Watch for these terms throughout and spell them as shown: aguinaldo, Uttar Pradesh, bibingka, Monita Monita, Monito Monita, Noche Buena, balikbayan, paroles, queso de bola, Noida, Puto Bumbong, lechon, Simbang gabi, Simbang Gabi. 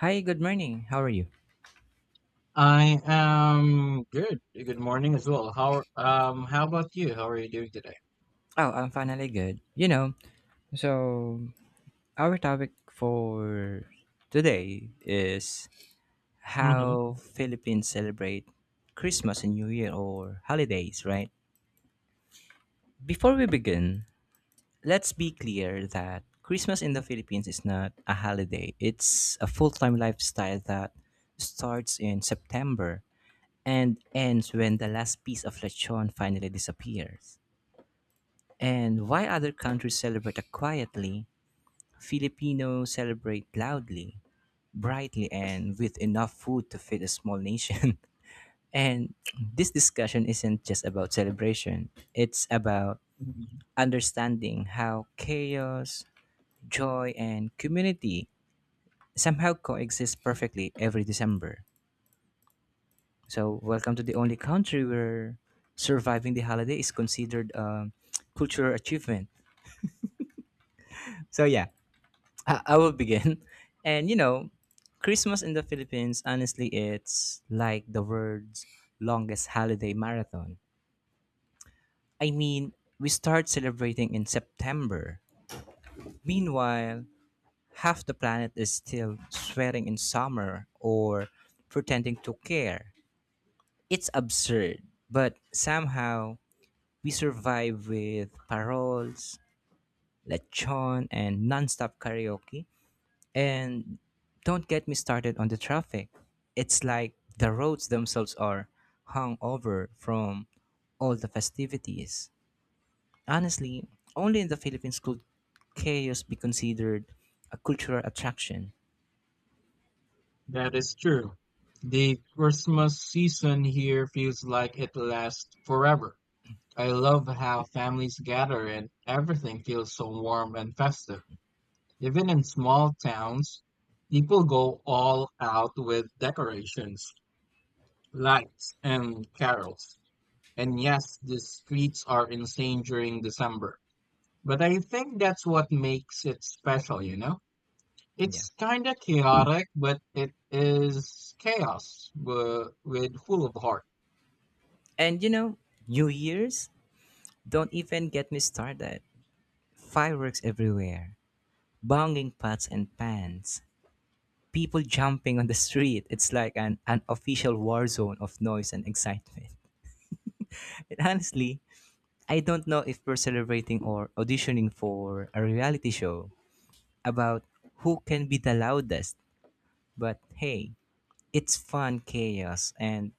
Hi, good morning. How are you? I am good. Good morning as well. How about you? How are you doing today? Oh, I'm finally good. So our topic for today is hmm how Philippines celebrate Christmas and New Year or holidays, right? Before we begin, let's be clear that Christmas in the Philippines is not a holiday. It's a full-time lifestyle that starts in September and ends when the last piece of lechon finally disappears. And while other countries celebrate quietly, Filipinos celebrate loudly, brightly, and with enough food to feed a small nation. And this discussion isn't just about celebration, it's about understanding how chaos, joy, and community somehow coexist perfectly every December. So, welcome to the only country where surviving the holiday is considered a cultural achievement. So, yeah, I will begin. And you know, Christmas in the Philippines, honestly, it's like the world's longest holiday marathon. I mean, we start celebrating in September. Meanwhile, half the planet is still sweating in summer or pretending to care. It's absurd, but somehow we survive with paroles, lechon, and nonstop karaoke. And don't get me started on the traffic. It's like the roads themselves are hung over from all the festivities. Honestly, only in the Philippines could chaos be considered a cultural attraction. That is true. The Christmas season here feels like it lasts forever. I love how families gather and everything feels so warm and festive. Even in small towns, people go all out with decorations, lights, and carols. And yes, the streets are insane during December. But I think that's what makes it special, you know? Yeah. It's kind of chaotic, but it is chaos with full of heart. And you know, New Year's, don't even get me started. Fireworks everywhere, banging pots and pans, people jumping on the street. It's like an official war zone of noise and excitement. And honestly, I don't know if we're celebrating or auditioning for a reality show about who can be the loudest, but hey, it's fun chaos, and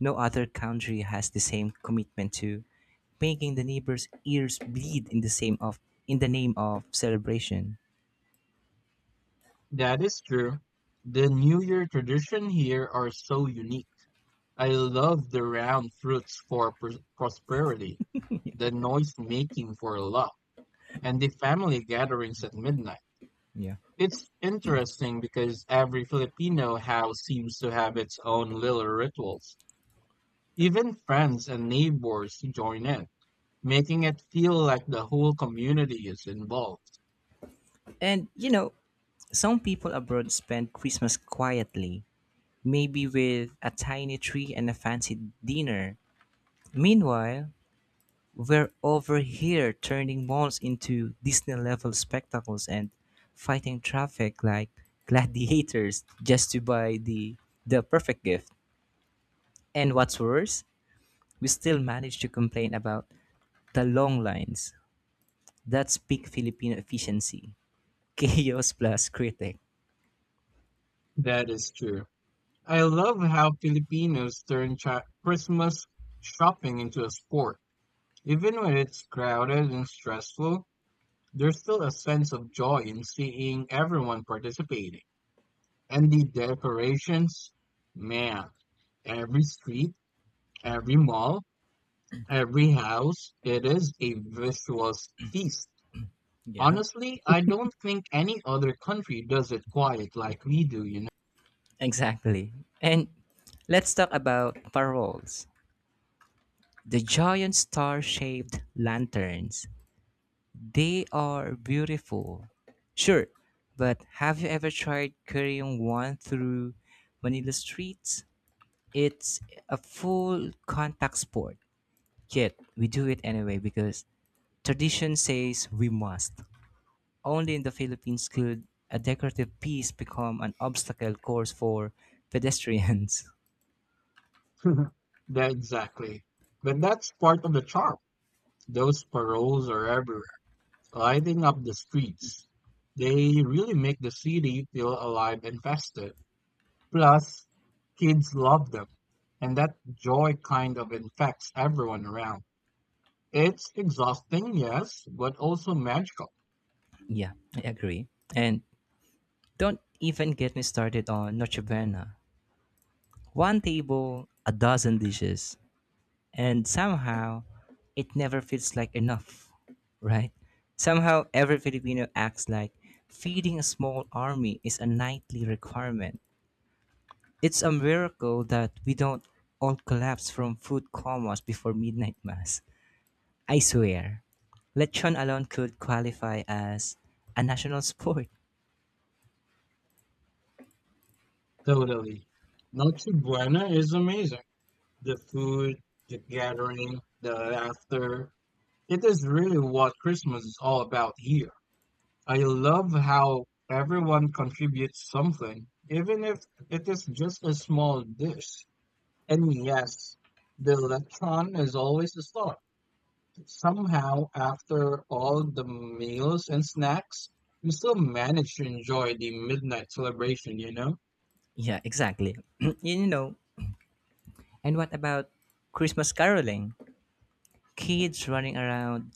no other country has the same commitment to making the neighbors' ears bleed in the same of in the name of celebration. That is true. The New Year tradition here are so unique. I love the round fruits for prosperity, the noise making for luck, and the family gatherings at midnight. Yeah. It's interesting because every Filipino house seems to have its own little rituals. Even friends and neighbors join in, making it feel like the whole community is involved. And you know, some people abroad spend Christmas quietly, maybe with a tiny tree and a fancy dinner. Meanwhile, we're over here turning malls into Disney level spectacles and fighting traffic like gladiators just to buy the perfect gift. And what's worse, we still manage to complain about the long lines. That's peak Filipino efficiency. Chaos plus critic. That is true. I love how Filipinos turn Christmas shopping into a sport. Even when it's crowded and stressful, there's still a sense of joy in seeing everyone participating. And the decorations, man, every street, every mall, every house, it is a visual feast. Yeah. Honestly, I don't think any other country does it quite like we do, you Exactly. And let's talk about paroles. The giant star shaped lanterns. They are beautiful. Sure, but have you ever tried carrying one through Manila streets? It's a full contact sport. Yet, we do it anyway because tradition says we must. Only in the Philippines could a decorative piece become an obstacle course for pedestrians. know. That exactly. But that's part of the charm. Those paroles are everywhere, lighting up the streets. They really make the city feel alive and festive. Plus, kids love them, and that joy kind of infects everyone around. It's exhausting, yes, but also magical. Yeah, I agree. And don't even get me started on Noche Buena. One table, a dozen dishes, and somehow it never feels like enough, right? Somehow every Filipino acts like feeding a small army is a nightly requirement. It's a miracle that we don't all collapse from food comas before midnight mass. I swear. Lechon alone could qualify as a national sport. Totally. Noche Buena is amazing. The food, the gathering, the laughter. It is really what Christmas is all about here. I love how everyone contributes something, even if it is just a small dish. And yes, the lechon is always a start. Somehow, after all the meals and snacks, we still manage to enjoy the midnight celebration, you know? Yeah, exactly. you know. And what about Christmas caroling? Kids running around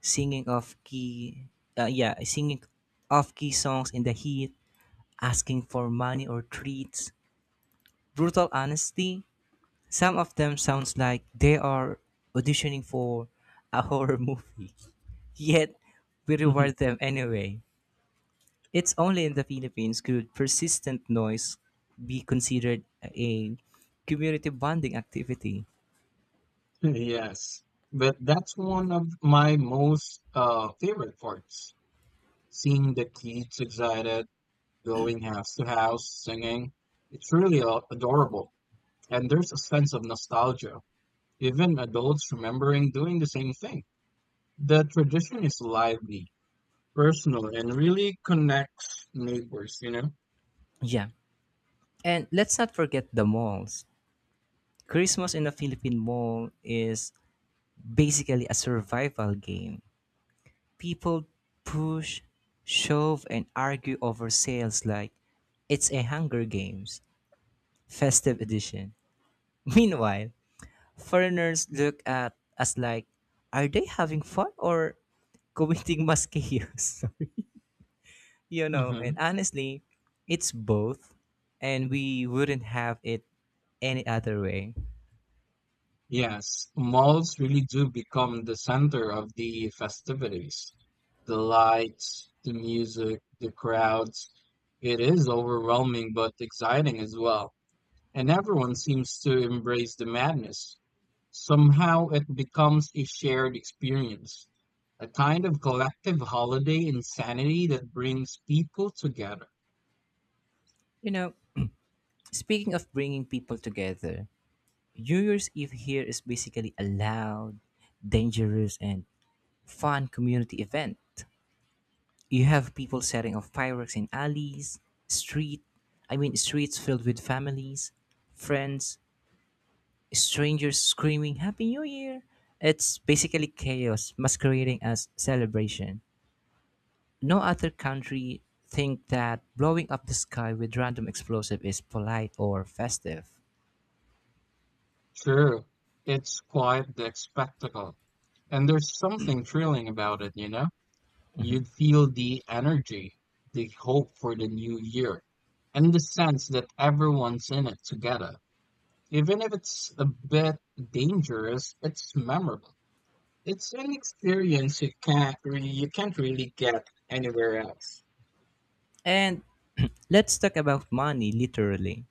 singing off key yeah, singing off key songs in the heat, asking for money or treats. Brutal honesty, some of them sounds like they are auditioning for a horror movie, yet we reward them anyway. It's only in the Philippines could persistent noise be considered a community bonding activity. Yes, but that's one of my most favorite parts. Seeing the kids excited, going house to house, singing. It's really adorable. And there's a sense of nostalgia. Even adults remembering doing the same thing. The tradition is lively, personal, and really connects neighbors, you know? Yeah. And let's not forget the malls. Christmas in a Philippine mall is basically a survival game. People push, shove, and argue over sales like it's a Hunger Games festive edition. Meanwhile, foreigners look at us like, are they having fun or committing mass chaos? And hmm honestly, it's both, and we wouldn't have it any other way. Yes, malls really do become the center of the festivities. The lights, the music, the crowds. It is overwhelming but exciting as well. And everyone seems to embrace the madness. Somehow it becomes a shared experience, a kind of collective holiday insanity that brings people together. You know, speaking of bringing people together, New Year's Eve here is basically a loud, dangerous, and fun community event. You have people setting off fireworks in alleys, street, I mean streets filled with families, friends, strangers screaming Happy New Year. It's basically chaos masquerading as celebration. No other country think that blowing up the sky with random explosive is polite or festive. Sure, it's quite the spectacle, and there's something thrilling about it, you know? You'd feel the energy, the hope for the new year, and the sense that everyone's in it together. Even if it's a bit dangerous, it's memorable. It's an experience you can't really get anywhere else. And let's talk about money literally.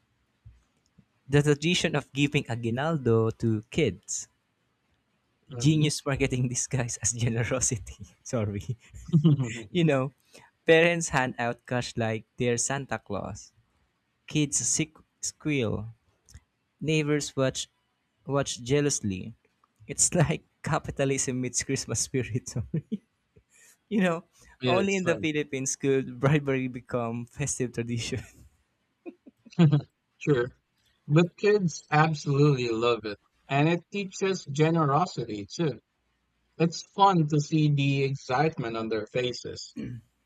The tradition of giving aguinaldo to kids, Mhm. genius marketing disguised as generosity. Sorry. You know, parents hand out cash like they're Santa Claus. Kids sick squeal. Neighbors watch jealously. It's like capitalism meets Christmas spirit. Sorry. You know, Yeah, only it's in the fun. Philippines could bribery become festive tradition. Sure. But kids absolutely love it. And it teaches generosity too. It's fun to see the excitement on their faces.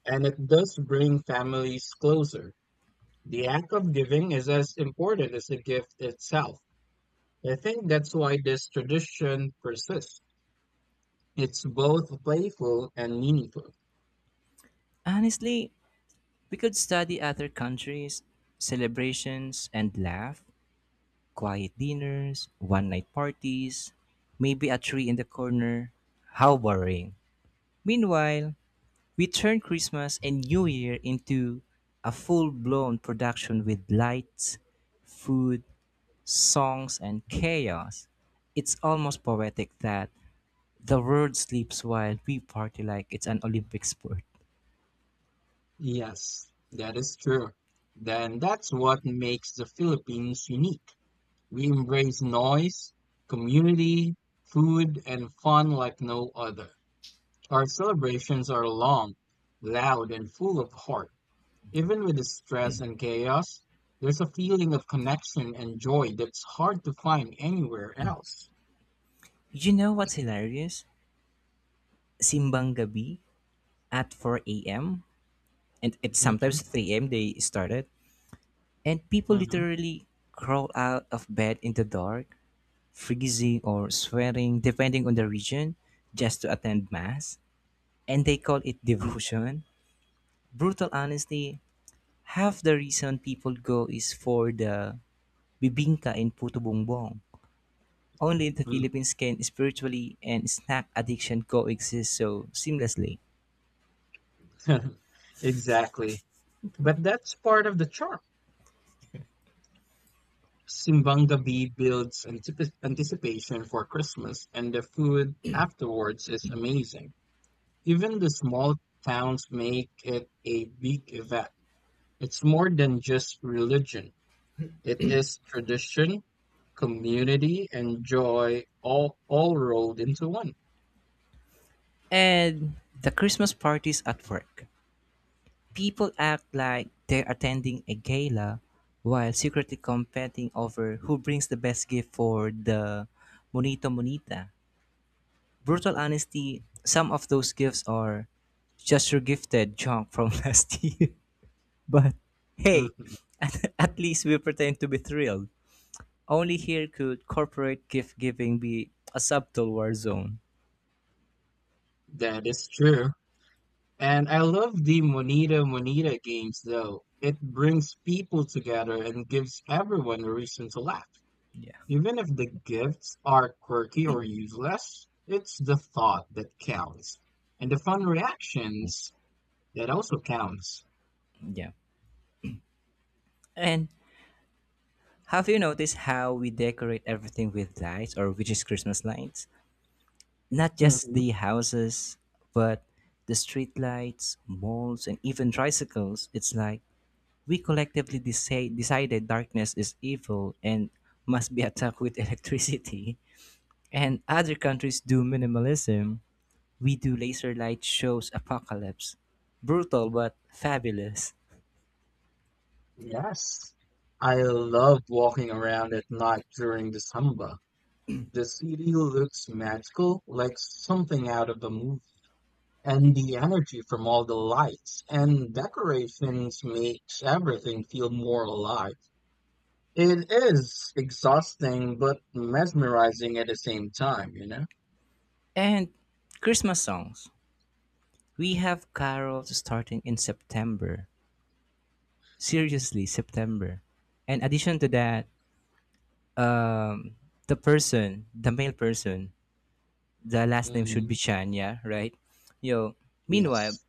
And it does bring families closer. The act of giving is as important as the gift itself. I think that's why this tradition persists. It's both playful and meaningful. Honestly, we could study other countries, celebrations, and laugh. Quiet dinners, one night parties, maybe a tree in the corner. How boring. Meanwhile, we turn Christmas and New Year into a full blown production with lights, food, songs, and chaos. It's almost poetic that the world sleeps while we party like it's an Olympic sport. Yes, that is true. Then that's what makes the Philippines unique. We embrace noise, community, food, and fun like no other. Our celebrations are long, loud, and full of heart. Even with the stress and chaos, there's a feeling of connection and joy that's hard to find anywhere else. You know what's hilarious? Simbang gabi at 4 a.m., and it's Mm-hmm, sometimes 3 a.m. they started. And people mm-hmm, literally crawl out of bed in the dark, freezing or sweating, depending on the region, just to attend Mass. And they call it devotion. Brutal honesty, half the reason people go is for the bibingka in Puto Bumbong. Only in the Philippines can spiritually and snack addiction coexist so seamlessly. mm-hmm. Exactly. But that's part of the charm. Simbang Gabi builds anticipation for Christmas, and the food afterwards is amazing. Even the small towns make it a big event. It's more than just religion. It is tradition, community, and joy all rolled into one. And the Christmas parties at work. People act like they're attending a gala while secretly competing over who brings the best gift for the Monito Monita. Brutal honesty, some of those gifts are just your gifted junk from last year. But hey, Mhm. at least we pretend to be thrilled. Only here could corporate gift giving be a subtle war zone. That is true. And I love the Monita Monita games though. It brings people together and gives everyone a reason to laugh. Yeah. Even if the gifts are quirky or useless, it's the thought that counts. And the fun reactions that also counts. Yeah. And have you noticed how we decorate everything with lights, or which is Christmas lights? Not just Mhm. the houses, but the streetlights, malls, and even tricycles. It's like we collectively decided darkness is evil and must be attacked with electricity. And other countries do minimalism. We do laser light shows apocalypse. Brutal but fabulous. Yes. I love walking around at night during the samba. The city looks magical, like something out of a movie. And the energy from all the lights and decorations makes everything feel more alive. It is exhausting, but mesmerizing at the same time, you know? And Christmas songs. We have carols starting in September. Seriously, September. And addition to that, um the person, the male person, the last name should be hmm Chan, yeah, right? Yo, meanwhile, Yes.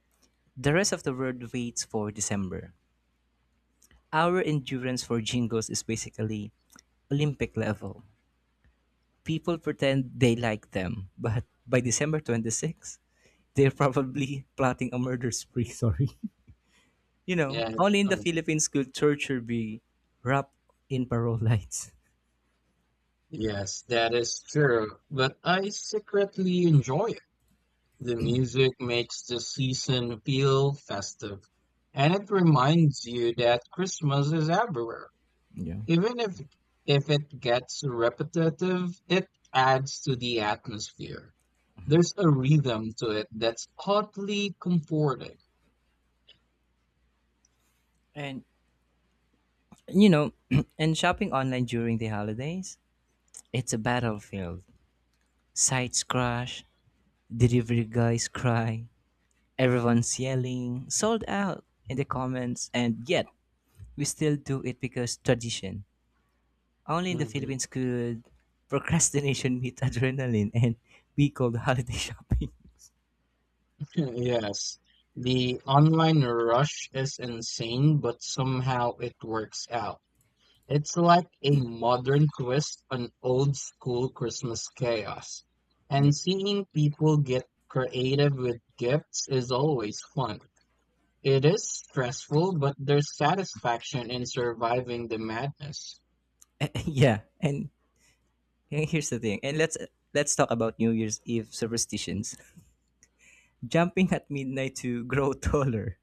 the rest of the world waits for December. Our endurance for jingles is basically Olympic level. People pretend they like them, but by December 26, they're probably plotting a murder spree. Sorry. You know, Yeah, it's only in the fun. Philippines could torture be wrapped in parole lights. Yes, that is true. But I secretly enjoy it. The music makes the season feel festive, and it reminds you that Christmas is everywhere. Yeah. Even if it gets repetitive, it adds to the atmosphere. There's a rhythm to it that's oddly comforting. And you know, and shopping online during the holidays, it's a battlefield. Sites crash, delivery guys cry, everyone's yelling, sold out in the comments, and yet we still do it because tradition. Only in the hmm Philippines could procrastination meet adrenaline and be called holiday shopping. Yes, the online rush is insane, but somehow it works out. It's like a modern twist on old school Christmas chaos. Yeah. And seeing people get creative with gifts is always fun. It is stressful, but there's satisfaction in surviving the madness. Yeah, and here's the thing. And let's talk about New Year's Eve superstitions. Jumping at midnight to grow taller,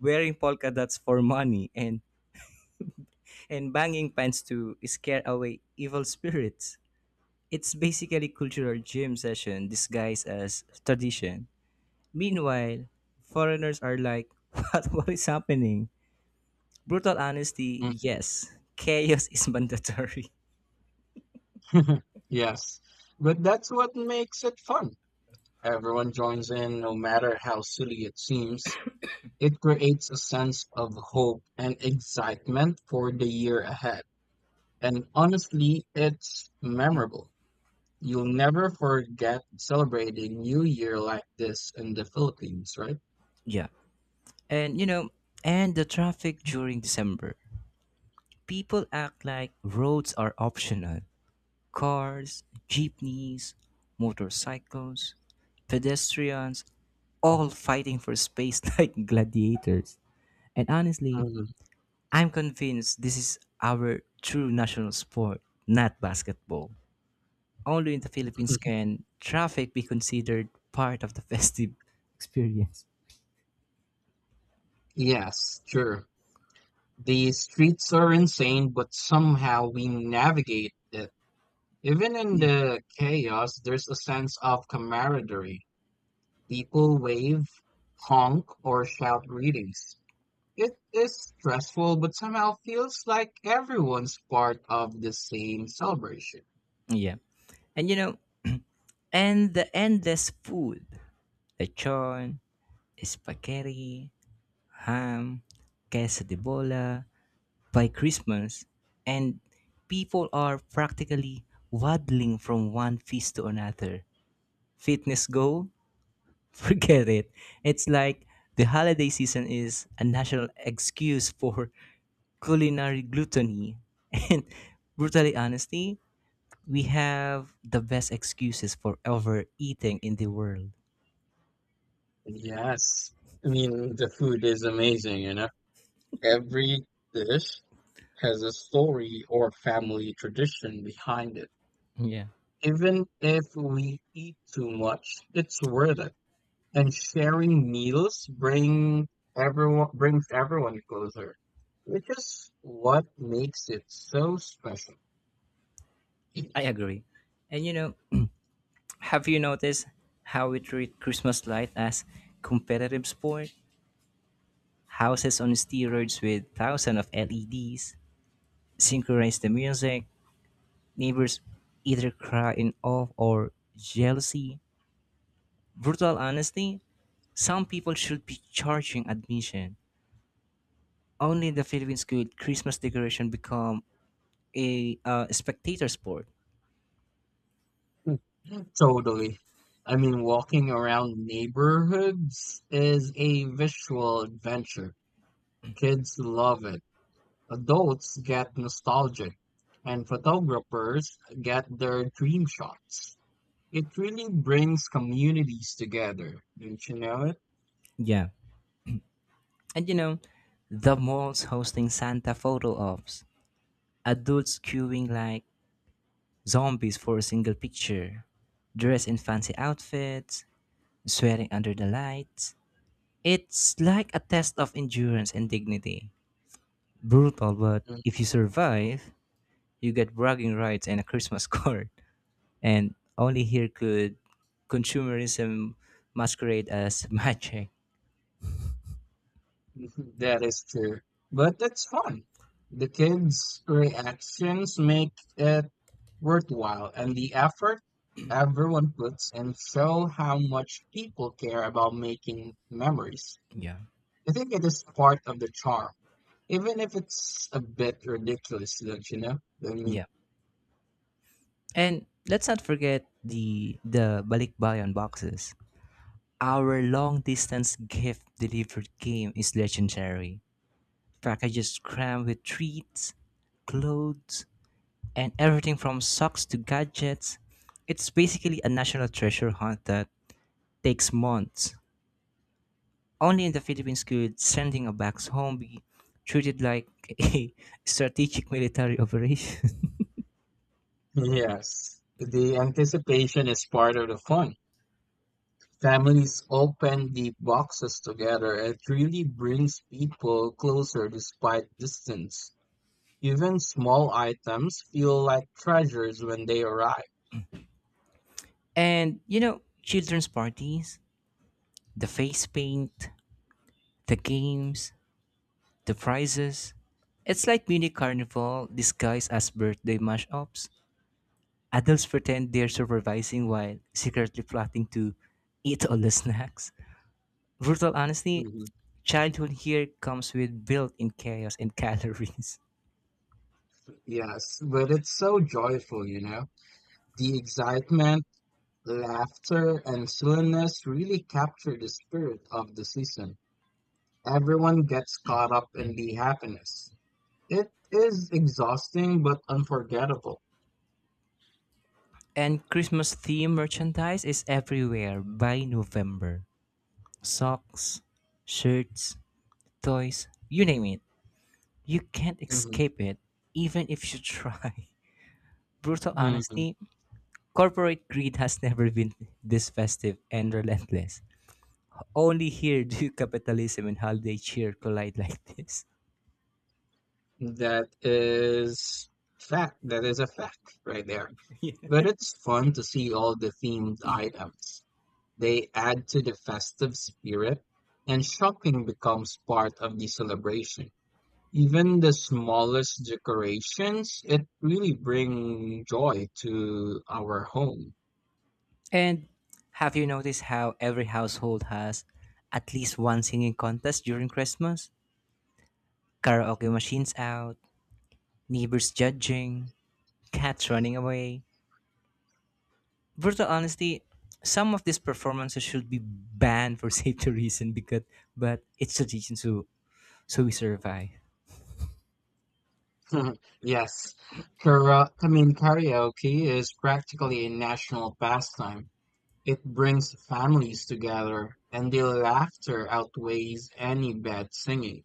wearing polka dots for money, and banging pans to scare away evil spirits. It's basically cultural gym session disguised as tradition. Meanwhile, foreigners are like, what is happening? Brutal honesty, Mm. yes. Chaos is mandatory. Yes, but that's what makes it fun. Everyone joins in, no matter how silly it seems. It creates a sense of hope and excitement for the year ahead. And honestly, it's memorable. You'll never forget celebrating New Year like this in the Philippines, right? Yeah. And you know, and the traffic during December. People act like roads are optional. Cars, jeepneys, motorcycles, pedestrians, all fighting for space like gladiators. And honestly, Mhm. I'm convinced this is our true national sport, not basketball. Only in the Philippines can traffic be considered part of the festive experience. Yes, sure. The streets are insane, but somehow we navigate it. Even in the chaos, there's a sense of camaraderie. People wave, honk, or shout greetings. It is stressful, but somehow feels like everyone's part of the same celebration. Yeah. And you know, and the endless food. Lechon, spaghetti, ham, queso de bola, by Christmas, and people are practically waddling from one feast to another. Fitness goal? Forget it. It's like the holiday season is a national excuse for culinary gluttony. And brutally honesty, we have the best excuses for overeating in the world. Yes. I mean, the food is amazing, you know? Every dish has a story or family tradition behind it. Yeah, Even if we eat too much, it's worth it. And sharing meals bring everyone brings everyone closer, which is what makes it so special. I agree. And you know, have you noticed how we treat Christmas light as competitive sport? Houses on steroids with thousands of LEDs, synchronize the music, neighbors either cry in awe or jealousy. Brutal honesty, some people should be charging admission. Only in the Philippines could Christmas decoration become a spectator sport. Totally. I mean, walking around neighborhoods is a visual adventure. Kids love it. Adults get nostalgic, and photographers get their dream shots. It really brings communities together, don't you know it? Yeah. And you know, the malls hosting Santa photo ops, adults queuing like zombies for a single picture, dressed in fancy outfits, sweating under the lights, it's like a test of endurance and dignity. Brutal, but if you survive, you get bragging rights and a Christmas card. And only here could consumerism masquerade as magic. Mhm. That is true. But it's fun. The kids' reactions make it worthwhile, and the effort everyone puts in show how much people care about making memories. Yeah. I think it is part of the charm, even if it's a bit ridiculous, don't you know? I mean, Yeah. And let's not forget the balikbayan boxes. Our long distance gift delivered game is legendary. Packages crammed with treats, clothes, and everything from socks to gadgets. It's basically a national treasure hunt that takes months. Only in the Philippines could sending a box home be treated like a strategic military operation. yes, the anticipation is part of the fun. Families open the boxes together. It really brings people closer despite distance. Even small items feel like treasures when they arrive. And you know, children's parties, the face paint, the games, the prizes. It's like mini carnival disguised as birthday mashups. Adults pretend they're supervising while secretly plotting to eat all the snacks. Brutal honesty, Mhm. childhood here comes with built-in chaos and calories. Yes, but it's so joyful, you know. The excitement, laughter, and silliness really capture the spirit of the season. Everyone gets caught up in the happiness. It is exhausting but unforgettable. And Christmas theme merchandise is everywhere by November. Socks, shirts, toys, you name it. You can't Mhm, escape it, even if you try. Brutal mhm. honesty, corporate greed has never been this festive and relentless. Only here do capitalism and holiday cheer collide like this. That is fact. That is a fact right there. But it's fun to see all the themed items. They add to the festive spirit, and shopping becomes part of the celebration. Even the smallest decorations, it really bring joy to our home. And have you noticed how every household has at least one singing contest during Christmas? Karaoke machines out, neighbors judging, cats running away. Brutal honesty, some of these performances should be banned for safety reason, because but it's tradition, so we survive. Yes, karaoke is practically a national pastime. It brings families together, and the laughter outweighs any bad singing.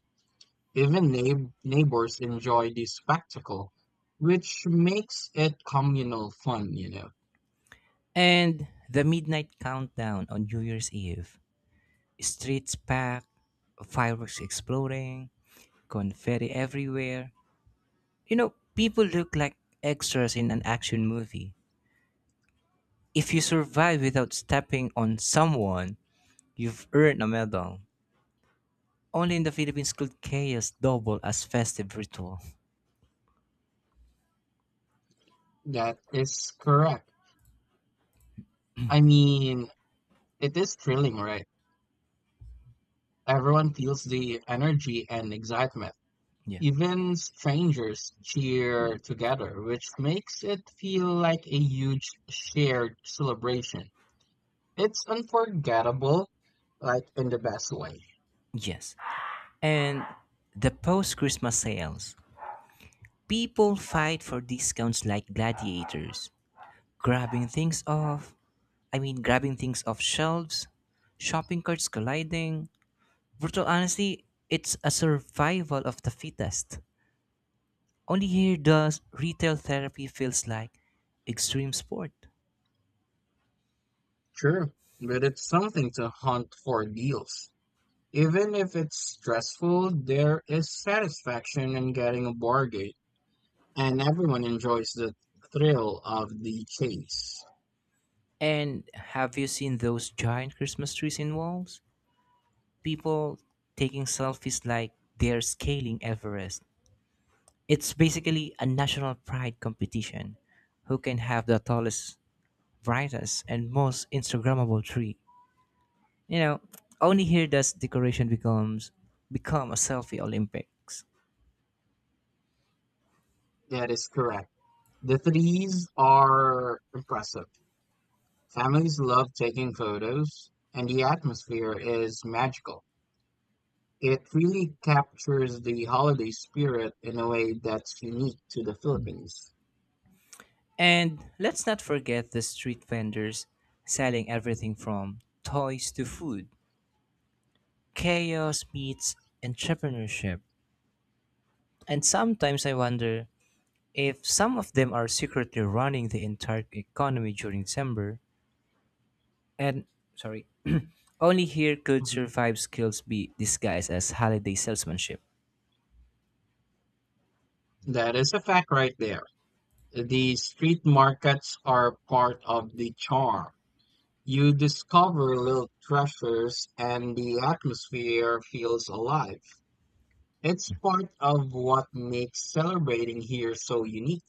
Even neighbors enjoy the spectacle, which makes it communal fun, you know. And the midnight countdown on New Year's Eve. Streets packed, fireworks exploding, confetti everywhere. You know, people look like extras in an action movie. If you survive without stepping on someone, you've earned a medal. Only in the Philippines could chaos double as festive ritual. That is correct. I mean, it is thrilling, right? Everyone feels the energy and excitement. Yeah. Even strangers cheer together, which makes it feel like a huge shared celebration. It's unforgettable, like in the best way. Yes. And the post-Christmas sales. People fight for discounts like gladiators, grabbing things off, I mean grabbing things off shelves, shopping carts colliding. Brutal honesty, it's a survival of the fittest. Only here does retail therapy feels like extreme sport. Sure, but it's something to hunt for deals. Even if it's stressful, there is satisfaction in getting a bargain, and everyone enjoys the thrill of the chase. And have you seen those giant Christmas trees in walls? People taking selfies like they're scaling Everest. It's basically a national pride competition. Who can have the tallest, brightest, and most Instagrammable tree? You know, only here does decoration becomes become a selfie Olympics. That is correct. The threes are impressive. Families love taking photos, and the atmosphere is magical. It really captures the holiday spirit in a way that's unique to the Philippines. And let's not forget the street vendors selling everything from toys to food. Chaos meets entrepreneurship. And sometimes I wonder if some of them are secretly running the entire economy during December, and sorry, only here could Mhm. survive skills be disguised as holiday salesmanship. That is a fact right there. The street markets are part of the charm. You discover little treasures and the atmosphere feels alive. It's part of what makes celebrating here so unique.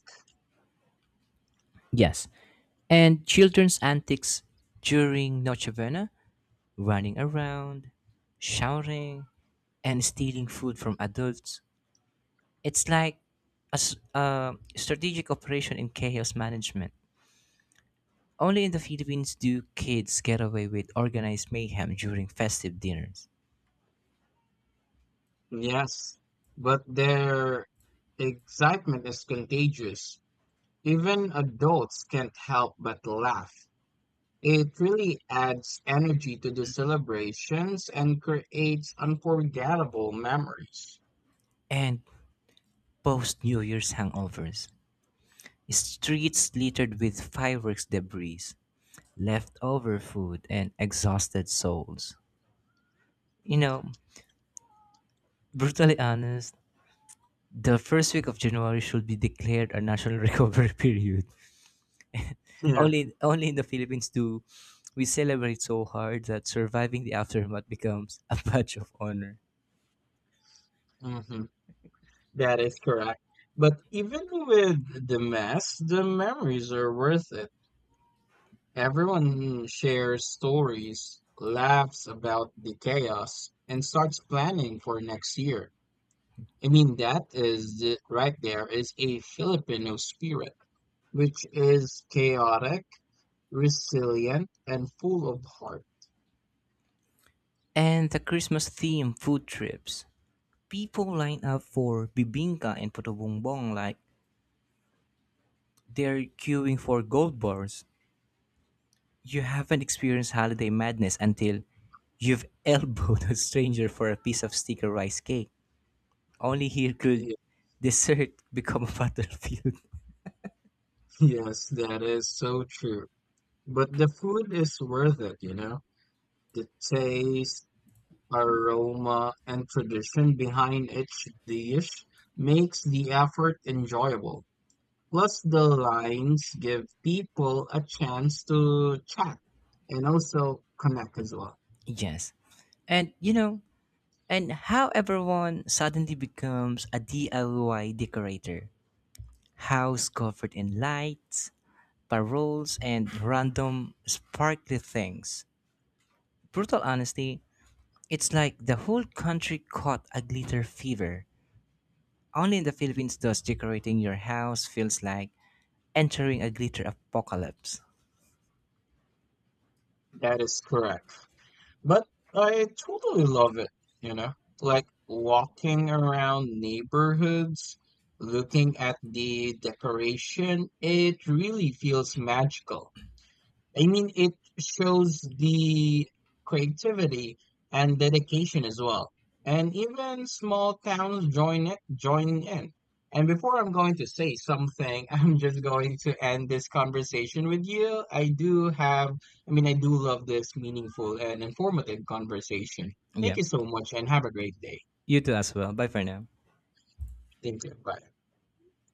Yes. And children's antics during Noche Buena, running around, shouting, and stealing food from adults. It's like a strategic operation in chaos management. Only in the Philippines do kids get away with organized mayhem during festive dinners. Yes, but their excitement is contagious. Even adults can't help but laugh. It really adds energy to the celebrations and creates unforgettable memories. And post New Year's hangovers. Streets littered with fireworks debris, leftover food, and exhausted souls. You know, brutally honest, the first week of January should be declared a national recovery period. Yeah, Only in the Philippines do we celebrate so hard that surviving the aftermath becomes a badge of honor. mhm, that is correct. But even with the mess, the memories are worth it. Everyone shares stories, laughs about the chaos, and starts planning for next year. I mean, that is it right there is a Filipino spirit, which is chaotic, resilient, and full of heart. And the Christmas theme food trips. People line up for bibingka and puto-bumbong like they're queuing for gold bars. You haven't experienced holiday madness until you've elbowed a stranger for a piece of sticker rice cake. Only here could Ye- dessert become a battlefield. Yes, that is so true. But the food is worth it, you know? The taste, aroma, and tradition behind each dish makes the effort enjoyable. Plus, the lines give people a chance to chat and also connect as well. Yes. And you know, and how everyone suddenly becomes a DIY decorator. House covered in lights, paroles, and random sparkly things. Brutal honesty, it's like the whole country caught a glitter fever. Only in the Philippines does decorating your house feels like entering a glitter apocalypse. That is correct. But I totally love it, you know? Like walking around neighborhoods, looking at the decoration, it really feels magical. I mean, it shows the creativity and dedication as well. And even small towns join in. And before I'm going to say something, I'm just going to end this conversation with you. I do love this meaningful and informative conversation. Thank Yeah. you so much and have a great day. You too as well. Bye for now. Thank you. Bye.